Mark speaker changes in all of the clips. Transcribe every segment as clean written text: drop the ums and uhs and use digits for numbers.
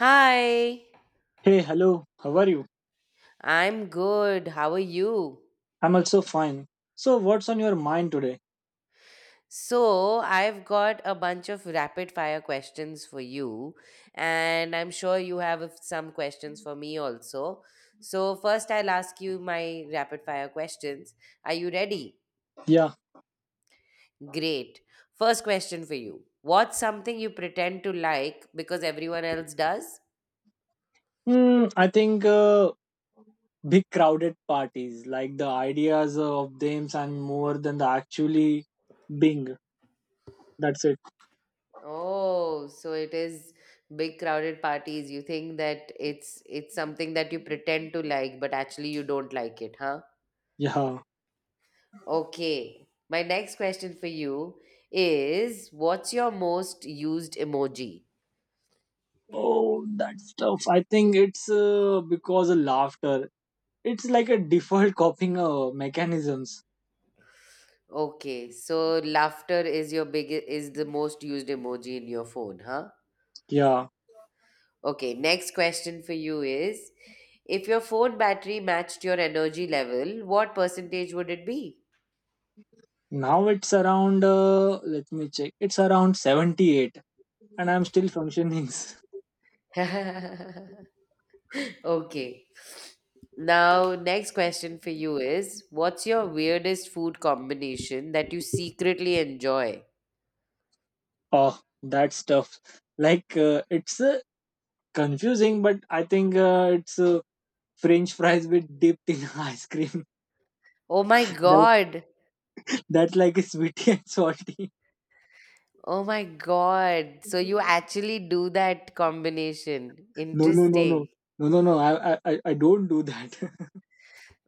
Speaker 1: Hi,
Speaker 2: Hey, hello. How are you?
Speaker 1: I'm good. How are you?
Speaker 2: I'm also fine. So, what's on your mind today?
Speaker 1: So, I've got a bunch of rapid fire questions for you, and I'm sure you have some questions for me also. So, first, I'll ask you my rapid fire questions. Are you ready?
Speaker 2: Yeah.
Speaker 1: Great. First question for you. What's something you pretend to like because everyone else does?
Speaker 2: Hmm. I think big crowded parties, like the ideas of them and more than the actually being. That's it.
Speaker 1: Oh, so it is big crowded parties. You think that it's something that you pretend to like, but actually you don't like it, huh?
Speaker 2: Yeah.
Speaker 1: Okay. My next question for you is, what's your most used emoji?
Speaker 2: Oh, that stuff. I think it's because of laughter. It's like a default coping mechanisms.
Speaker 1: Okay, so laughter is your big is the most used emoji in your phone, huh?
Speaker 2: Yeah.
Speaker 1: Okay, next question for you is, if your phone battery matched your energy level, what percentage would it be?
Speaker 2: Now it's around, let me check, it's around 78 and I'm still functioning.
Speaker 1: Okay. Now, next question for you is, what's your weirdest food combination that you secretly enjoy?
Speaker 2: Oh, that stuff! Like it's confusing, but I think it's French fries with dipped in ice cream.
Speaker 1: Oh my
Speaker 2: That
Speaker 1: God.
Speaker 2: that's like a sweetie and salty.
Speaker 1: Oh my God. So you actually do that combination.
Speaker 2: No, no, no, no,
Speaker 1: Interesting.
Speaker 2: no. I don't do that.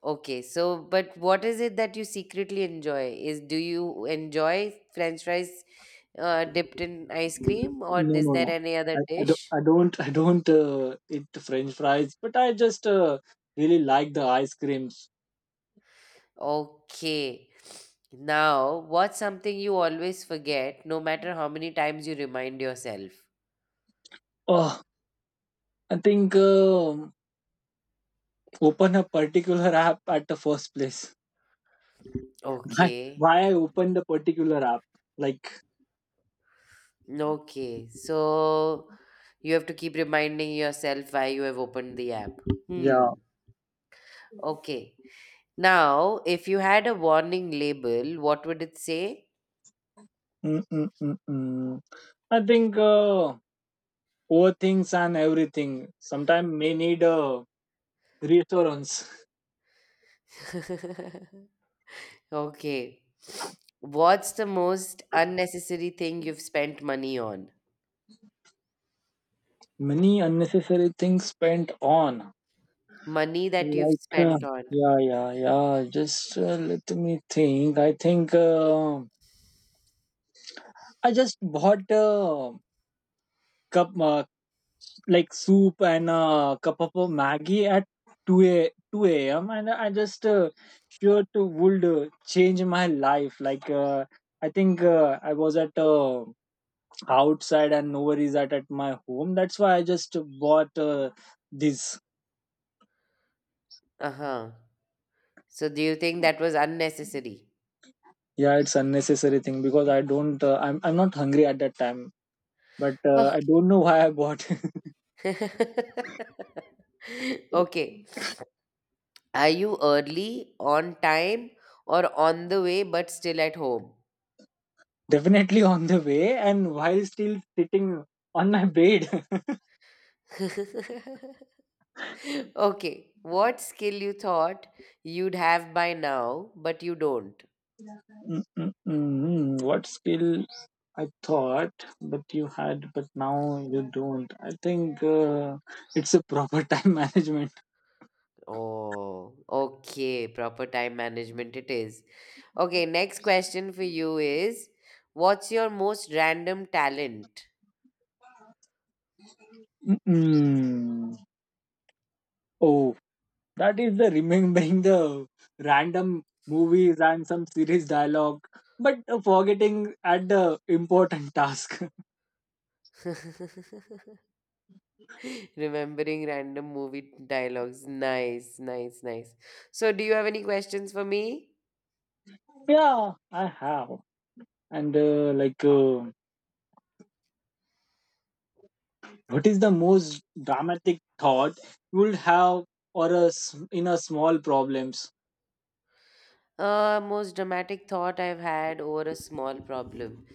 Speaker 1: Okay, so but what is it that you secretly enjoy? Is do you enjoy french fries dipped in ice cream, or
Speaker 2: No,
Speaker 1: is
Speaker 2: no,
Speaker 1: there
Speaker 2: no.
Speaker 1: any
Speaker 2: I,
Speaker 1: other
Speaker 2: I don't,
Speaker 1: dish?
Speaker 2: I don't, I don't uh, eat French fries, but I just really like the ice creams.
Speaker 1: Okay. Now, what's something you always forget, no matter how many times you remind yourself?
Speaker 2: Oh, I think open a particular app at the first place. why,
Speaker 1: Okay.
Speaker 2: why I opened the particular app. Like,
Speaker 1: Okay. So you have to keep reminding yourself why you have opened the app. Hmm.
Speaker 2: yeah.
Speaker 1: Okay. Now, if you had a warning label, what would it say?
Speaker 2: Mm-mm-mm-mm. I think poor things and everything sometimes may need a reassurance.
Speaker 1: Okay. What's the most unnecessary thing you've spent money on?
Speaker 2: Many unnecessary things spent on.
Speaker 1: Money that you've
Speaker 2: Like,
Speaker 1: spent on.
Speaker 2: yeah, yeah, yeah. Just let me think. I think I just bought a cup, like soup and a cup of Maggie at 2 a 2 a.m. and I just sure to would change my life. I was at outside and nobody is at my home. That's why I just bought this.
Speaker 1: Uh huh. So do you think that was unnecessary?
Speaker 2: Yeah, it's unnecessary thing because I don't. I'm not hungry at that time. But
Speaker 1: Oh.
Speaker 2: I don't know why I bought.
Speaker 1: Okay. Are you early, on time, or on the way but still at home?
Speaker 2: Definitely on the way and while still sitting on my bed.
Speaker 1: Okay. What skill you thought you'd have by now but you don't?
Speaker 2: Mm. What skill I thought, but you had, but now you don't. I think it's a proper time management.
Speaker 1: Oh, okay. Proper time management it is. Okay, next question for you is, what's your most random talent?
Speaker 2: Mm-mm. Oh, that is the remembering the random movies and some series dialogue, but forgetting at the important task.
Speaker 1: Remembering random movie dialogues. Nice, nice, nice. So, do you have any questions for me?
Speaker 2: Yeah, I have. And uh, like, uh, what is the most dramatic thought you would have or a s in a small problems?
Speaker 1: Most dramatic thought I've had over a small problem.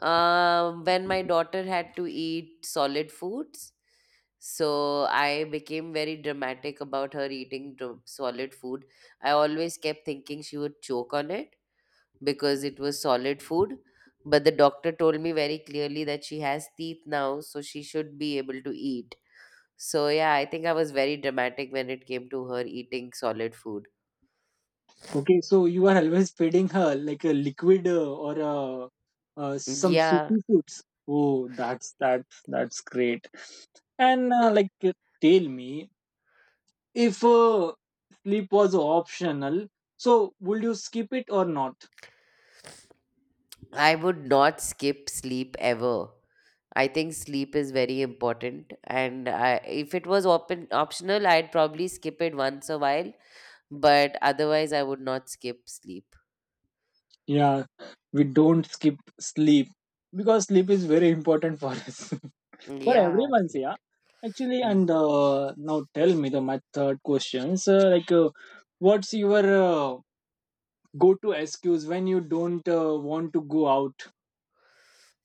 Speaker 1: When my daughter had to eat solid foods, so I became very dramatic about her eating solid food. I always kept thinking she would choke on it because it was solid food. But the doctor told me very clearly that she has teeth now, so she should be able to eat. So yeah, I think I was very dramatic when it came to her eating solid food.
Speaker 2: Okay, so you are always feeding her like a liquid or some
Speaker 1: Yeah,
Speaker 2: soupy foods. Oh, that's great. And uh, like, uh, tell me if sleep was optional, so would you skip it or not?
Speaker 1: I would not skip sleep ever. I think sleep is very important, and if it was open optional, I'd probably skip it once a while. But otherwise, I would not skip sleep.
Speaker 2: Yeah, we don't skip sleep because sleep is very important for us for
Speaker 1: Yeah,
Speaker 2: everyone's.
Speaker 1: absolutely.
Speaker 2: Yeah, actually.
Speaker 1: Mm,
Speaker 2: And now tell me the my third questions what's your go to SQs when you don't want to go out.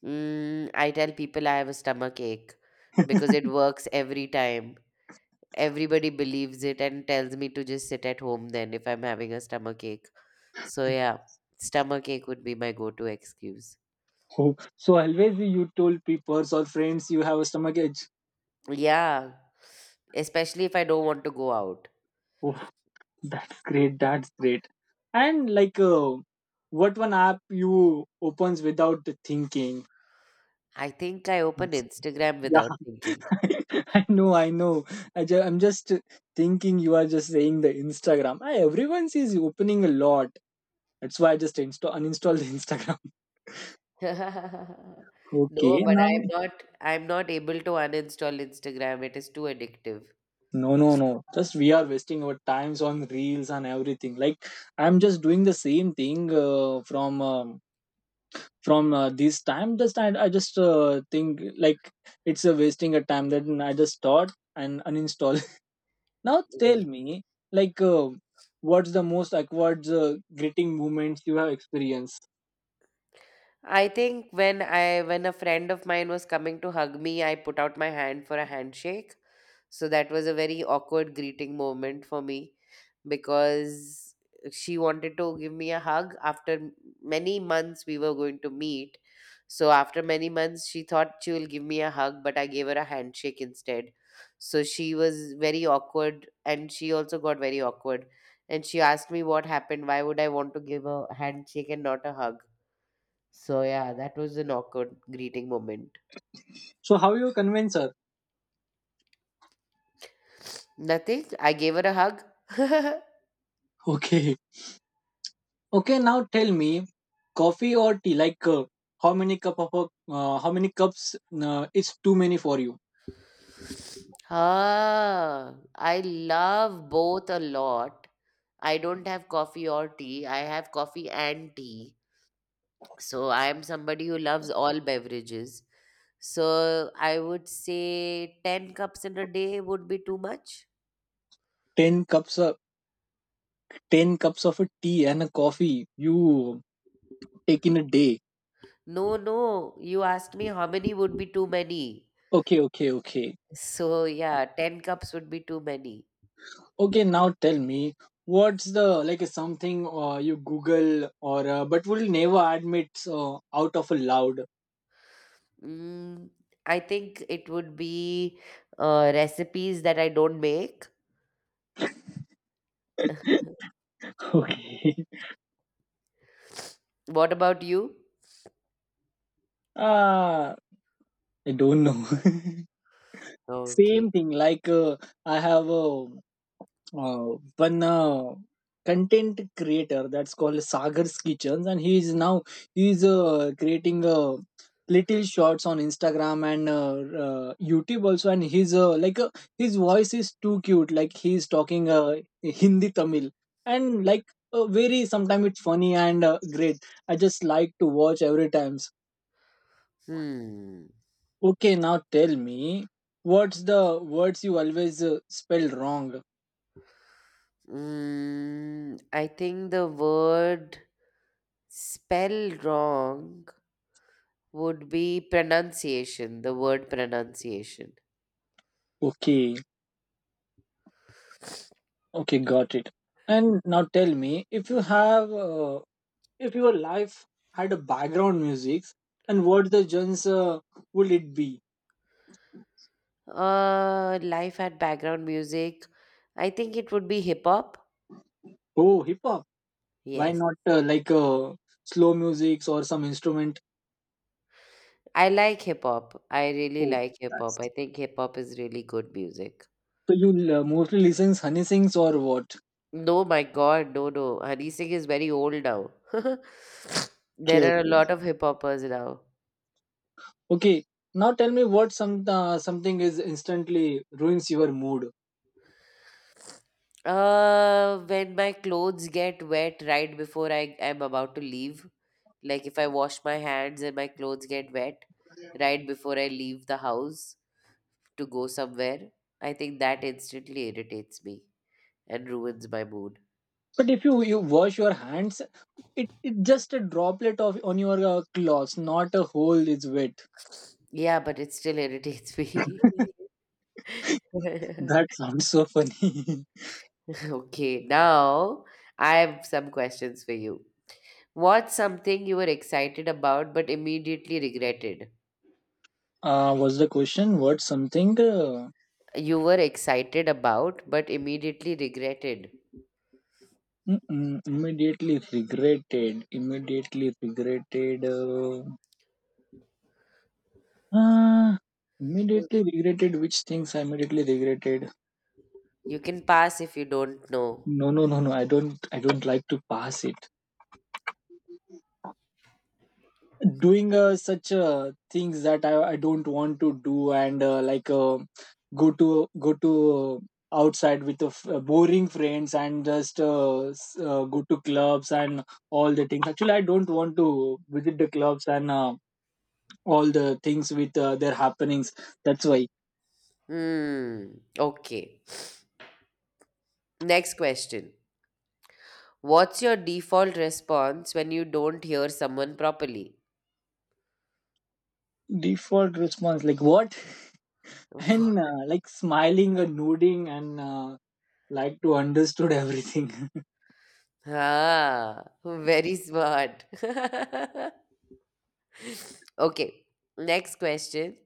Speaker 1: I tell people I have a stomach ache because it works every time. Everybody believes it and tells me to just sit at home then if I'm having a stomach ache. So yeah, stomach ache would be my go-to excuse.
Speaker 2: Oh, so always you told people or friends you have a stomach ache.
Speaker 1: Yeah, especially if I don't want to go out.
Speaker 2: Oh, that's great. That's great. And like, uh, what one app you opens without thinking?
Speaker 1: I think I
Speaker 2: Yeah,
Speaker 1: open Instagram without thinking.
Speaker 2: I know, I know. I'm just thinking you are just saying the Instagram. I, everyone is opening a lot. That's why I just uninstalled Instagram.
Speaker 1: No,
Speaker 2: Okay.
Speaker 1: but
Speaker 2: Now.
Speaker 1: I am not able to uninstall Instagram. It is too addictive.
Speaker 2: No, no, no. Just we are wasting our times on reels and everything. Like I'm just doing the same thing from this time. I just think like it's a wasting a time. That I just start and uninstall. Now tell
Speaker 1: Ye-
Speaker 2: me, like, uh, what's the most awkward greeting moments you have experienced?
Speaker 1: I think when I when a friend of mine was coming to hug me, I put out my hand for a handshake. So that was a very awkward greeting moment for me because she wanted to give me a hug after many months we were going to meet. So after many months, she thought she will give me a hug, but I gave her a handshake instead. So she was very awkward and she also got very awkward. And she asked me what happened. Why would I want to give a handshake and not a hug? So yeah, that was an awkward greeting moment.
Speaker 2: So how you convince her?
Speaker 1: Nothing. I gave her a hug.
Speaker 2: Okay, okay. Now tell me, coffee or tea? How many cup of how many cups is too many for you?
Speaker 1: Ah, I love both a lot. I don't have coffee or tea. I have coffee and tea. So I am somebody who loves all beverages. So I would say 10 cups in a day would be too much.
Speaker 2: 10 cups of 10 cups of a tea and a coffee you take in a day.
Speaker 1: No, no. You asked me how many would be too many.
Speaker 2: Okay, okay, okay.
Speaker 1: So yeah, 10 cups would be too many.
Speaker 2: Okay, now tell me what's the like something you google or but will never admit out of a loud.
Speaker 1: Mm, I think it would be recipes that I don't make.
Speaker 2: Okay.
Speaker 1: What about you?
Speaker 2: Ah, I don't know.
Speaker 1: Okay.
Speaker 2: Same thing like I have a uh, one content creator that's called Sagar's Kitchens, and he is now he's creating little shots on Instagram and YouTube also, and he's like his voice is too cute, like he's talking Hindi Tamil, and like very sometimes it's funny and great. I just like to watch every times.
Speaker 1: Hmm.
Speaker 2: Okay, now tell me what's the words you always spell wrong.
Speaker 1: I think the word spell wrong would be pronunciation, the word pronunciation.
Speaker 2: Okay, okay, got it. And now tell me if you have, if your life had a background music, and what the genres would it be?
Speaker 1: Life at background music. I think it would be hip hop.
Speaker 2: Oh, hip hop. Why
Speaker 1: Yes.
Speaker 2: not uh, like uh, slow music or some instrument?
Speaker 1: I like hip hop. I really
Speaker 2: Oh,
Speaker 1: like hip hop.
Speaker 2: that's
Speaker 1: I think hip hop is really good music.
Speaker 2: so you mostly listen honey sings or what?
Speaker 1: No, my God, no, no. Hari Singh is very old now.
Speaker 2: Okay,
Speaker 1: There are a
Speaker 2: okay.
Speaker 1: lot of hip hoppers now.
Speaker 2: Okay. Now tell me what some something is instantly ruins your mood.
Speaker 1: When my clothes get wet right before I am about to leave, like if I wash my hands and my clothes get wet right before I leave the house to go somewhere, I think that instantly irritates me and ruins my mood.
Speaker 2: But if you you wash your hands, it just a droplet of on your clothes, not a whole is wet.
Speaker 1: Yeah, but it still irritates me.
Speaker 2: That sounds so funny.
Speaker 1: Okay, now I have some questions for you. What's something you were excited about but immediately regretted?
Speaker 2: Was the question what something
Speaker 1: You were excited about but immediately regretted.
Speaker 2: mm-mm, immediately regretted? Immediately regretted. Uh,
Speaker 1: You
Speaker 2: immediately regretted. Which things I immediately regretted?
Speaker 1: you can pass if you don't know.
Speaker 2: No, no, no, no. I don't. I don't like to pass it. Doing such things that I don't want to do and go to outside with the boring friends and just go to clubs and all the things. Actually, I don't want to visit the clubs and all the things with their happenings. That's why.
Speaker 1: Hmm. Okay. Next question. What's your default response when you don't hear someone properly?
Speaker 2: Default response like what?
Speaker 1: Wha-
Speaker 2: and like smiling and nodding and like to understood everything.
Speaker 1: Ah, very smart. Okay. Next question.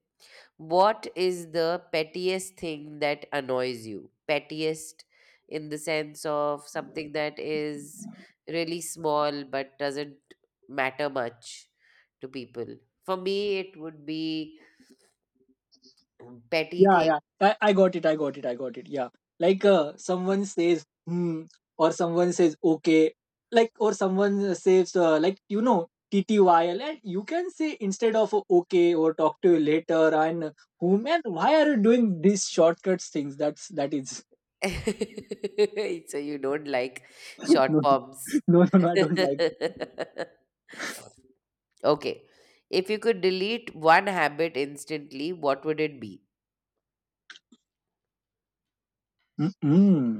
Speaker 1: What is the pettiest thing that annoys you? Pettiest in the sense of something that is really small but doesn't matter much to people. For me, it would be petty
Speaker 2: Yeah,
Speaker 1: thing.
Speaker 2: yeah. I got it, yeah. Like someone says hmm or someone says okay, like, or someone says like, you know, TTYL, and you can say instead of okay or talk to you later. And whom and why are you doing these shortcuts things? That's that is.
Speaker 1: So you don't like short
Speaker 2: No, no,
Speaker 1: forms.
Speaker 2: no, no, I don't like.
Speaker 1: Okay. If you could delete one habit instantly, what would it be?
Speaker 2: Mm-mm.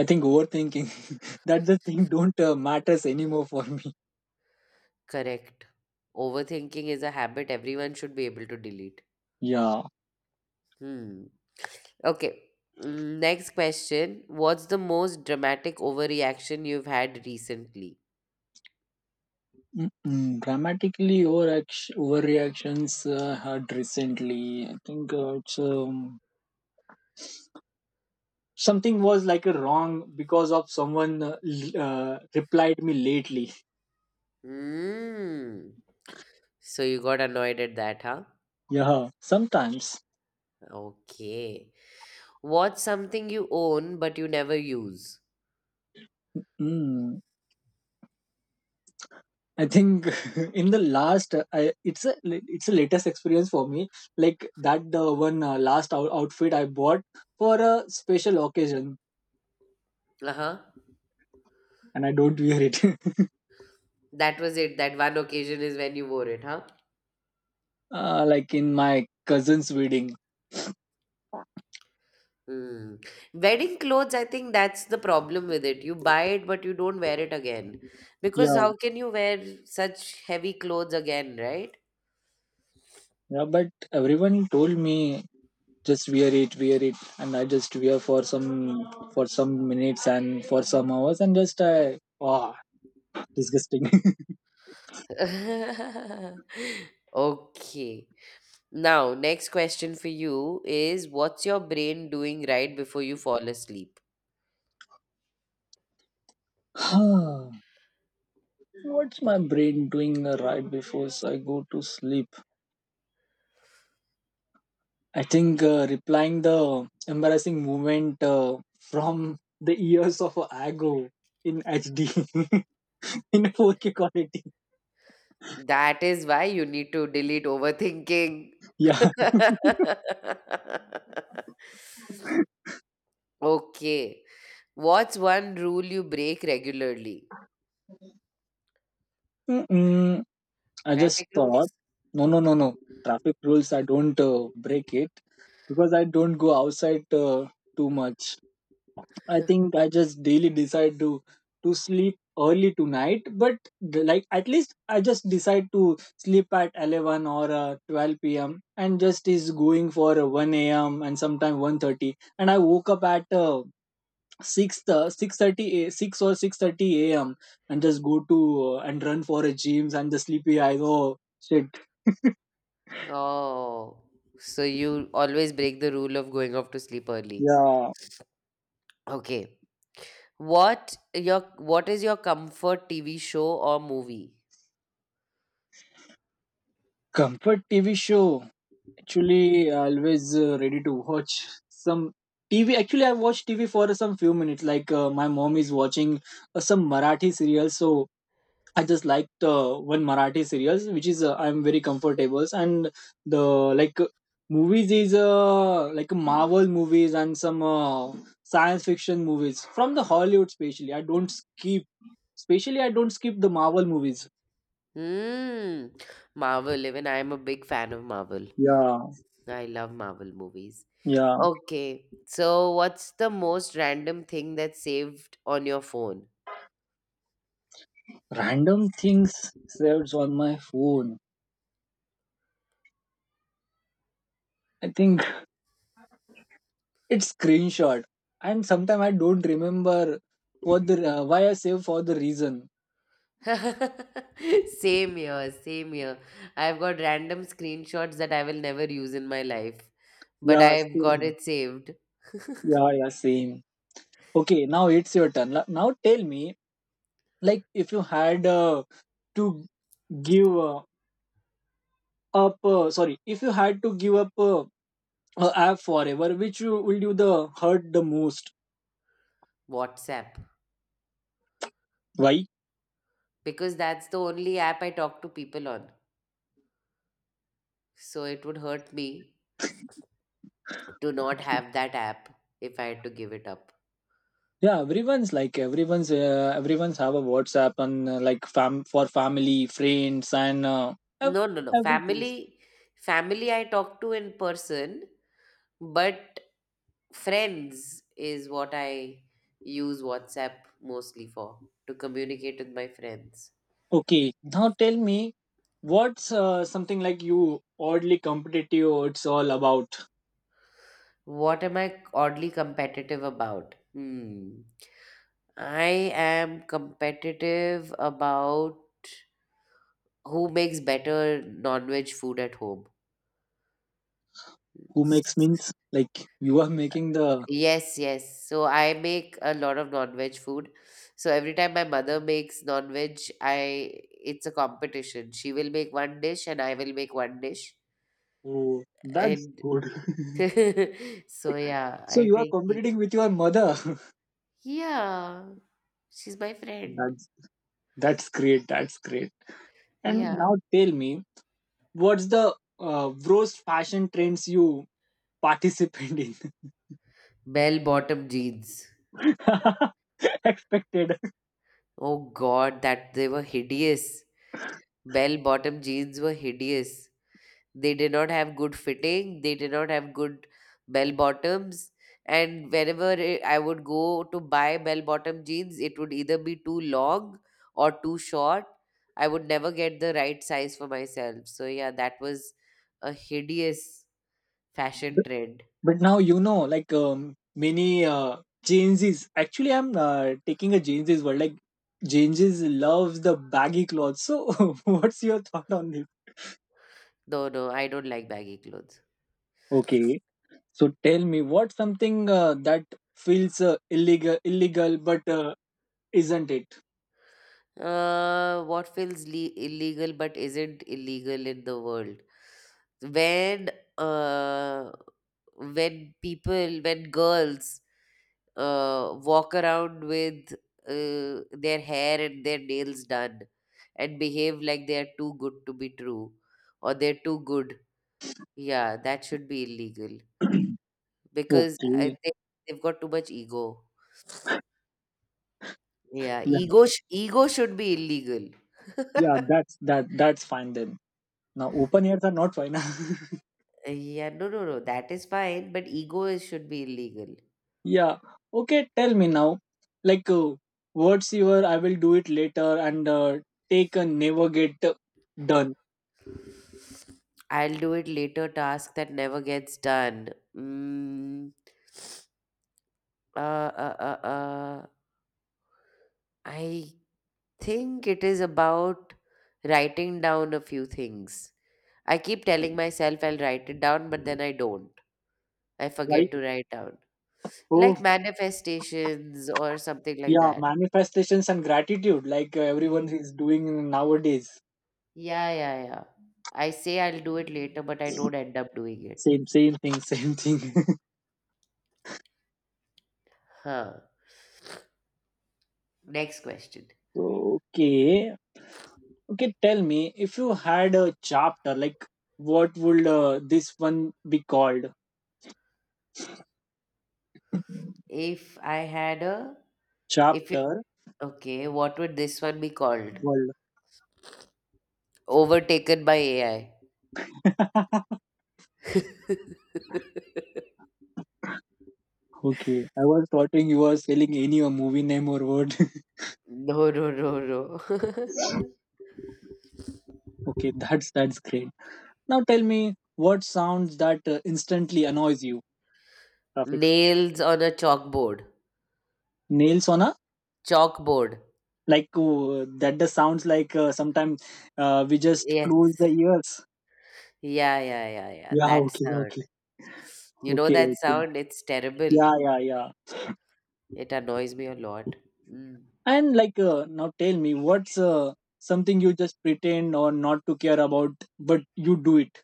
Speaker 2: I think overthinking. That the thing don't matters anymore for me.
Speaker 1: Correct. Overthinking is a habit everyone should be able to delete.
Speaker 2: Yeah.
Speaker 1: Hmm. Okay. Next question. What's the most dramatic overreaction you've had recently?
Speaker 2: Mm-mm. Dramatically overreactions had recently. I think it's something was like a wrong because of someone replied me lately.
Speaker 1: Hmm. So you got annoyed at that, huh?
Speaker 2: Yeah, sometimes.
Speaker 1: Okay. What's something you own but you never use?
Speaker 2: Mm. I think in the last, I, it's a latest experience for me. Like that the one last outfit I bought for a special occasion,
Speaker 1: Uh huh.
Speaker 2: and I don't wear it.
Speaker 1: That was it. That one occasion is when you wore it, huh?
Speaker 2: Like in my cousin's wedding.
Speaker 1: Mm. Wedding clothes, I think that's the problem with it. You buy it, but you don't wear it again. Because
Speaker 2: Yeah.
Speaker 1: how can you wear such heavy clothes again, right?
Speaker 2: Yeah, but everyone told me just wear it, and I just wear for some minutes and for some hours, and just I ah disgusting.
Speaker 1: Okay. Now, next question for you is, what's your brain doing right before you fall asleep?
Speaker 2: Huh? What's my brain doing right before I go to sleep? I think replying the embarrassing moment from the ears of a ago in HD in 4K quality.
Speaker 1: That is why you need to delete overthinking.
Speaker 2: Yeah.
Speaker 1: Okay. What's one rule you break regularly?
Speaker 2: I just
Speaker 1: Traffic
Speaker 2: thought,
Speaker 1: rules.
Speaker 2: no, no, no, no. Traffic rules, I don't break it because I don't go outside too much. I just daily decide to sleep early tonight, but the- like at least I just decide to sleep at 11 or 12 p.m. and just is going for one a.m. and sometime 1:30. And I woke up at 6 uh, 6:30 a 6 or 6:30 a.m. and just go to and run for a gyms and the sleepy eyes. Oh shit.
Speaker 1: Oh, so you always break the rule of going off to sleep early.
Speaker 2: Yeah,
Speaker 1: Okay. What is your comfort TV show or movie?
Speaker 2: comfort TV show. Actually, always ready to watch some TV. Actually, I watch TV for some few minutes. Like my mom is watching some Marathi serial, so I just like the one Marathi serials, which is I'm very comfortable, and the like movies is like Marvel movies and some science fiction movies from the Hollywood, especially. I don't skip, especially I don't skip the Marvel movies.
Speaker 1: Hmm. Marvel. Even I am a big fan of Marvel.
Speaker 2: Yeah,
Speaker 1: I love Marvel movies.
Speaker 2: yeah.
Speaker 1: Okay. So what's the most random thing that's saved on your phone?
Speaker 2: Random things saved on my phone. I think it's screenshot, and sometimes I don't remember what the why I save for the reason.
Speaker 1: Same here, same here. I've got random screenshots that I will never use in my life, but
Speaker 2: Yeah,
Speaker 1: I've got
Speaker 2: same.
Speaker 1: it saved.
Speaker 2: Yeah, yeah, same. Okay, now it's your turn. Now tell me, if you had to give up, sorry, if you had to give up a app forever, which you will do the hurt the most?
Speaker 1: WhatsApp.
Speaker 2: Why?
Speaker 1: Because that's the only app I talk to people on. So it would hurt me to not have that app if I had to give it up.
Speaker 2: Yeah, everyone's like everyone's everyone's have a WhatsApp and like fam for family, friends, and ev-
Speaker 1: No, no, no.
Speaker 2: everything.
Speaker 1: Family I talk to in person, but friends is what I use WhatsApp mostly for to communicate with my friends.
Speaker 2: Okay, now tell me, what's something like you oddly competitive? It's all about
Speaker 1: What am I oddly competitive about? Hmm. I am competitive about who makes better non-veg food at home.
Speaker 2: who makes means like you are making the.
Speaker 1: Yes, yes. So I make a lot of non-veg food. So every time my mother makes non-veg, I it's a competition. She will make one dish and I will make one dish.
Speaker 2: Oh, that's
Speaker 1: And
Speaker 2: good.
Speaker 1: so yeah,
Speaker 2: So
Speaker 1: I
Speaker 2: you are
Speaker 1: think
Speaker 2: competing with your mother.
Speaker 1: yeah, she's my friend.
Speaker 2: That's that's great. That's great. And
Speaker 1: Yeah.
Speaker 2: now tell me, what's the worst fashion trends you participate in?
Speaker 1: Bell bottom jeans.
Speaker 2: expected.
Speaker 1: Oh God, that they were hideous. Bell bottom jeans were hideous. They did not have good fitting. They did not have good bell bottoms. And whenever I would go to buy bell bottom jeans, it would either be too long or too short. I would never get the right size for myself. So, yeah, that was a hideous fashion
Speaker 2: But
Speaker 1: trend.
Speaker 2: but now you know, many Gen Zs. Actually, I'm taking a Gen Z's word. Like Gen Zs loves the baggy clothes. So what's your thought on this?
Speaker 1: No, no, I don't like baggy clothes.
Speaker 2: Okay, so tell me, what something that feels illegal, but isn't it?
Speaker 1: What feels illegal but isn't illegal in the world? When uh, when girls walk around with their hair and their nails done and behave like they are too good to be true or they're too good, yeah, that should be illegal because I
Speaker 2: Okay,
Speaker 1: think they've got too much ego. Yeah,
Speaker 2: yeah,
Speaker 1: ego should be illegal.
Speaker 2: yeah, that's fine then. Now open ears are not fine.
Speaker 1: Yeah, no, no, no. That is fine, but ego should be illegal.
Speaker 2: Yeah, okay. Tell me now, like uh, what's your I will do it later and take a never get done,
Speaker 1: I'll do it later. Task that never gets done. Mm, uh, uh, uh, uh, I think it is about writing down a few things. I keep telling myself I'll write it down, but then I don't. I
Speaker 2: right?
Speaker 1: forget to write down,
Speaker 2: Oh,
Speaker 1: like manifestations or something like
Speaker 2: yeah,
Speaker 1: that.
Speaker 2: manifestations and gratitude, everyone
Speaker 1: Yeah,
Speaker 2: is doing nowadays.
Speaker 1: yeah, yeah, yeah. I say I'll do it later, but I don't end up doing it.
Speaker 2: Same, same thing, same thing.
Speaker 1: Huh. Next question.
Speaker 2: Okay. Okay, tell me if you had a chapter, like what would this one be called?
Speaker 1: If I had a, if you,
Speaker 2: Chapter
Speaker 1: Okay, what would this one be called?
Speaker 2: world.
Speaker 1: Overtaken by AI.
Speaker 2: Okay, I was thoughting you were selling any a movie name or word.
Speaker 1: No, no, no, no.
Speaker 2: Okay, that's great. Now tell me what sounds that instantly annoys you. Graphics
Speaker 1: Nails on a chalkboard.
Speaker 2: nails on a.
Speaker 1: Chalkboard.
Speaker 2: Like that. The sounds like sometimes we just
Speaker 1: Yes.
Speaker 2: close the ears.
Speaker 1: Yeah, yeah, yeah, yeah.
Speaker 2: Yeah.
Speaker 1: That
Speaker 2: Okay.
Speaker 1: sound.
Speaker 2: Okay.
Speaker 1: You know
Speaker 2: Okay.
Speaker 1: that
Speaker 2: Okay.
Speaker 1: sound? It's terrible.
Speaker 2: Yeah. Yeah. Yeah.
Speaker 1: It annoys me a lot. Mm.
Speaker 2: And now tell me, what's something you just pretend or not to care about, but you do it?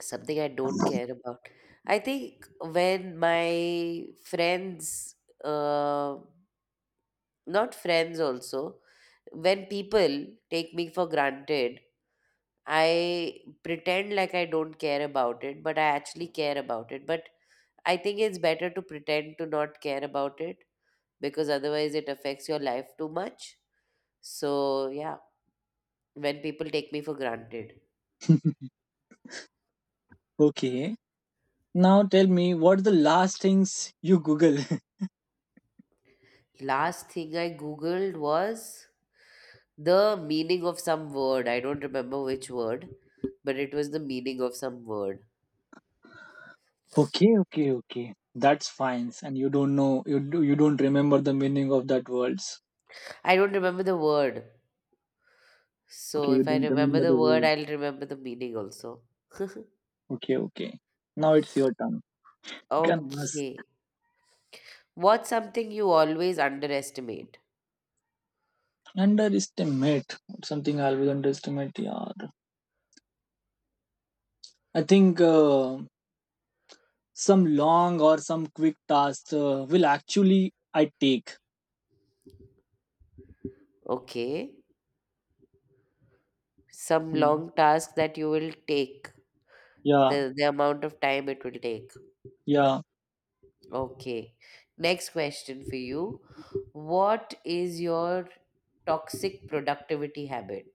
Speaker 1: Something I don't care about. I think when my friends, uh, not friends also, when people take me for granted, I pretend like I don't care about it, but I actually care about it, but I think it's better to pretend to not care about it, because otherwise it affects your life too much. So yeah, when people take me for granted.
Speaker 2: Okay. Now tell me, what's the last things you Google?
Speaker 1: Last thing I googled was the meaning of some word. I don't remember which word, but it was the meaning of some word.
Speaker 2: Okay, okay, okay. That's fine. And you don't know, you do, you don't remember the meaning of that words.
Speaker 1: I don't remember the word.
Speaker 2: Okay,
Speaker 1: So
Speaker 2: you
Speaker 1: if I
Speaker 2: don't
Speaker 1: remember
Speaker 2: remember the
Speaker 1: the word,
Speaker 2: word.
Speaker 1: I'll remember the meaning also.
Speaker 2: Okay, okay. Now it's your turn. You can ask.
Speaker 1: Okay. What's something you always underestimate?
Speaker 2: Underestimate. Something I always underestimate. Yeah. I think. Some long or some quick task will actually I take.
Speaker 1: Okay. Some
Speaker 2: Mm.
Speaker 1: long task that you will take,
Speaker 2: Yeah,
Speaker 1: the amount of time it will take.
Speaker 2: yeah.
Speaker 1: Okay. Next question for you. What is your toxic productivity habit?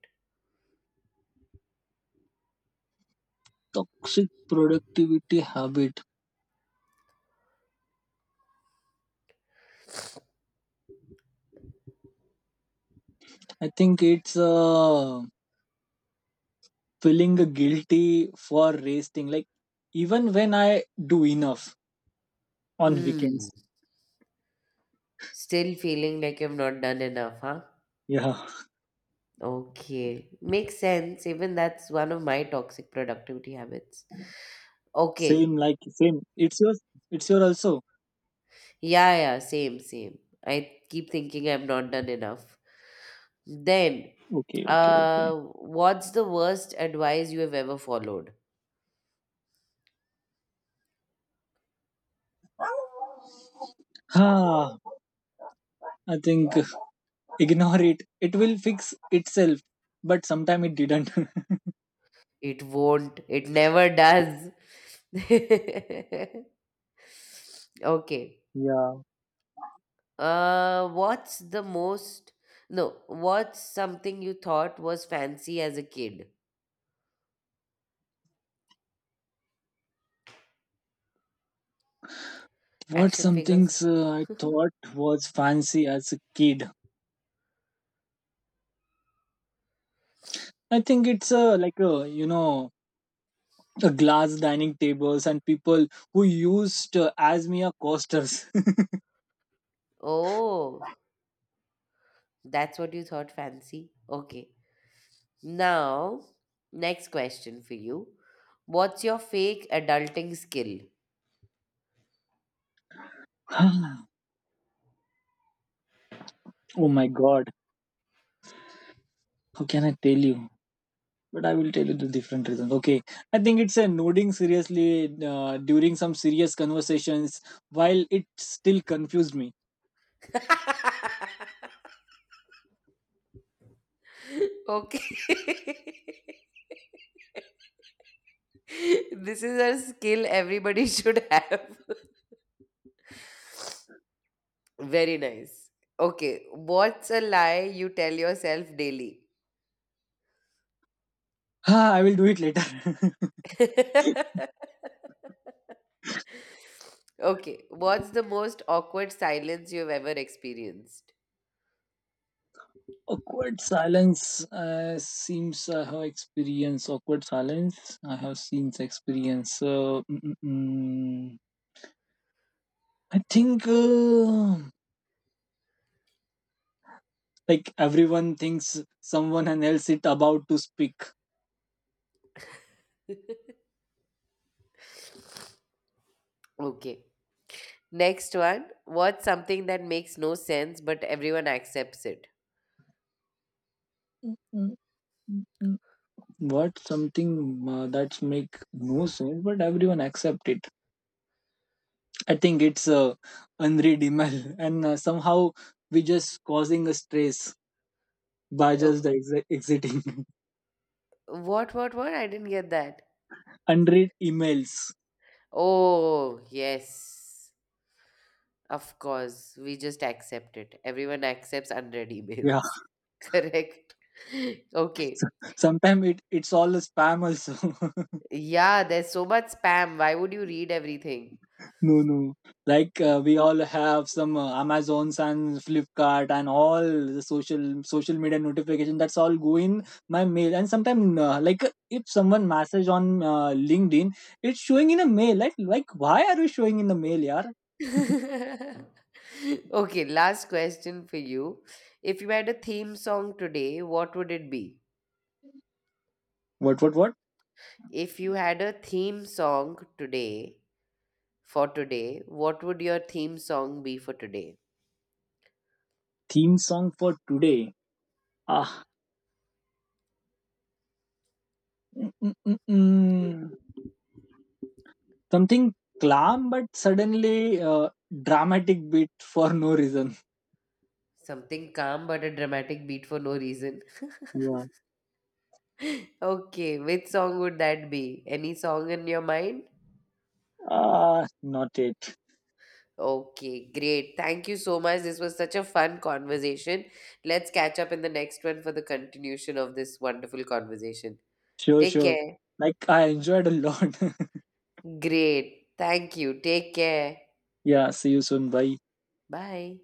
Speaker 2: Toxic productivity habit. I think it's feeling guilty for resting. Like even when I do enough on weekends.
Speaker 1: Hmm. Still feeling like you've not done enough, huh?
Speaker 2: Yeah,
Speaker 1: Okay, makes sense. Even that's one of my toxic productivity habits.
Speaker 2: same
Speaker 1: Okay,
Speaker 2: like same. It's yours. It's your also.
Speaker 1: yeah, yeah, same, same. I keep thinking I'm not done enough. Then,
Speaker 2: Okay, okay, okay.
Speaker 1: what's the worst advice you have ever followed?
Speaker 2: Ah, I think ignore it. It will fix itself. But sometime it didn't.
Speaker 1: It won't, it never does. Okay,
Speaker 2: Yeah.
Speaker 1: uh, what's the most, no, what's something you thought was fancy as a kid?
Speaker 2: What
Speaker 1: Action figures?
Speaker 2: something's I thought was fancy as a kid. I think it's like a you know a glass dining tables and people who used as mere costers.
Speaker 1: Oh. That's what you thought fancy? Okay. Now, next question for you. What's your fake adulting skill?
Speaker 2: Oh my god, how can I tell you? But I will tell you the different reasons. Okay, I think it's a nodding seriously during some serious conversations while it still confused me.
Speaker 1: Okay. This is a skill everybody should have. Very nice. Okay. What's a lie you tell yourself daily?
Speaker 2: Ah, I will do it later.
Speaker 1: Okay. What's the most awkward silence you've ever experienced?
Speaker 2: Awkward silence seems I have experienced awkward silence. I have seen experience. So I think everyone thinks someone and else it about to speak.
Speaker 1: Okay. Next one, what's something that makes no sense but everyone accepts it?
Speaker 2: Mm, mm, mm, mm. What something that make no sense, but everyone accept it. I think it's unread email, and somehow we just causing a stress by
Speaker 1: Uh,
Speaker 2: just the exiting.
Speaker 1: What, what? I didn't get that.
Speaker 2: Unread emails.
Speaker 1: Oh, yes. Of course, we just accept it. Everyone accepts unread
Speaker 2: We
Speaker 1: emails. Correct. Okay.
Speaker 2: sometimes it, it's all a spam also.
Speaker 1: Yeah, there's so much spam. Why would you read everything?
Speaker 2: No, no. Like we all have some amazons and flipkart and all the social media notification that's all go in my mail and sometimes if someone message on linkedin it's showing in a mail, like why are you showing in the mail, yaar?
Speaker 1: Okay, last question for you. If you had a theme song today, what would it be?
Speaker 2: What, what, what?
Speaker 1: If you had a theme song today, for today, what would your theme song be for today?
Speaker 2: Theme song for today. ah mm, mm, mm, mm. Something calm but suddenly uh, dramatic beat for no reason.
Speaker 1: Something calm but a dramatic beat for no reason. Okay, which song would that be? Any song in your mind?
Speaker 2: Ah, not it.
Speaker 1: Okay, great. Thank you so much. This was such a fun conversation. Let's catch up in the next one for the continuation of this wonderful conversation.
Speaker 2: Sure,
Speaker 1: Take
Speaker 2: sure.
Speaker 1: care.
Speaker 2: Like, I enjoyed a lot.
Speaker 1: Great. Thank you. Take care.
Speaker 2: Yeah, see you soon. Bye.
Speaker 1: Bye.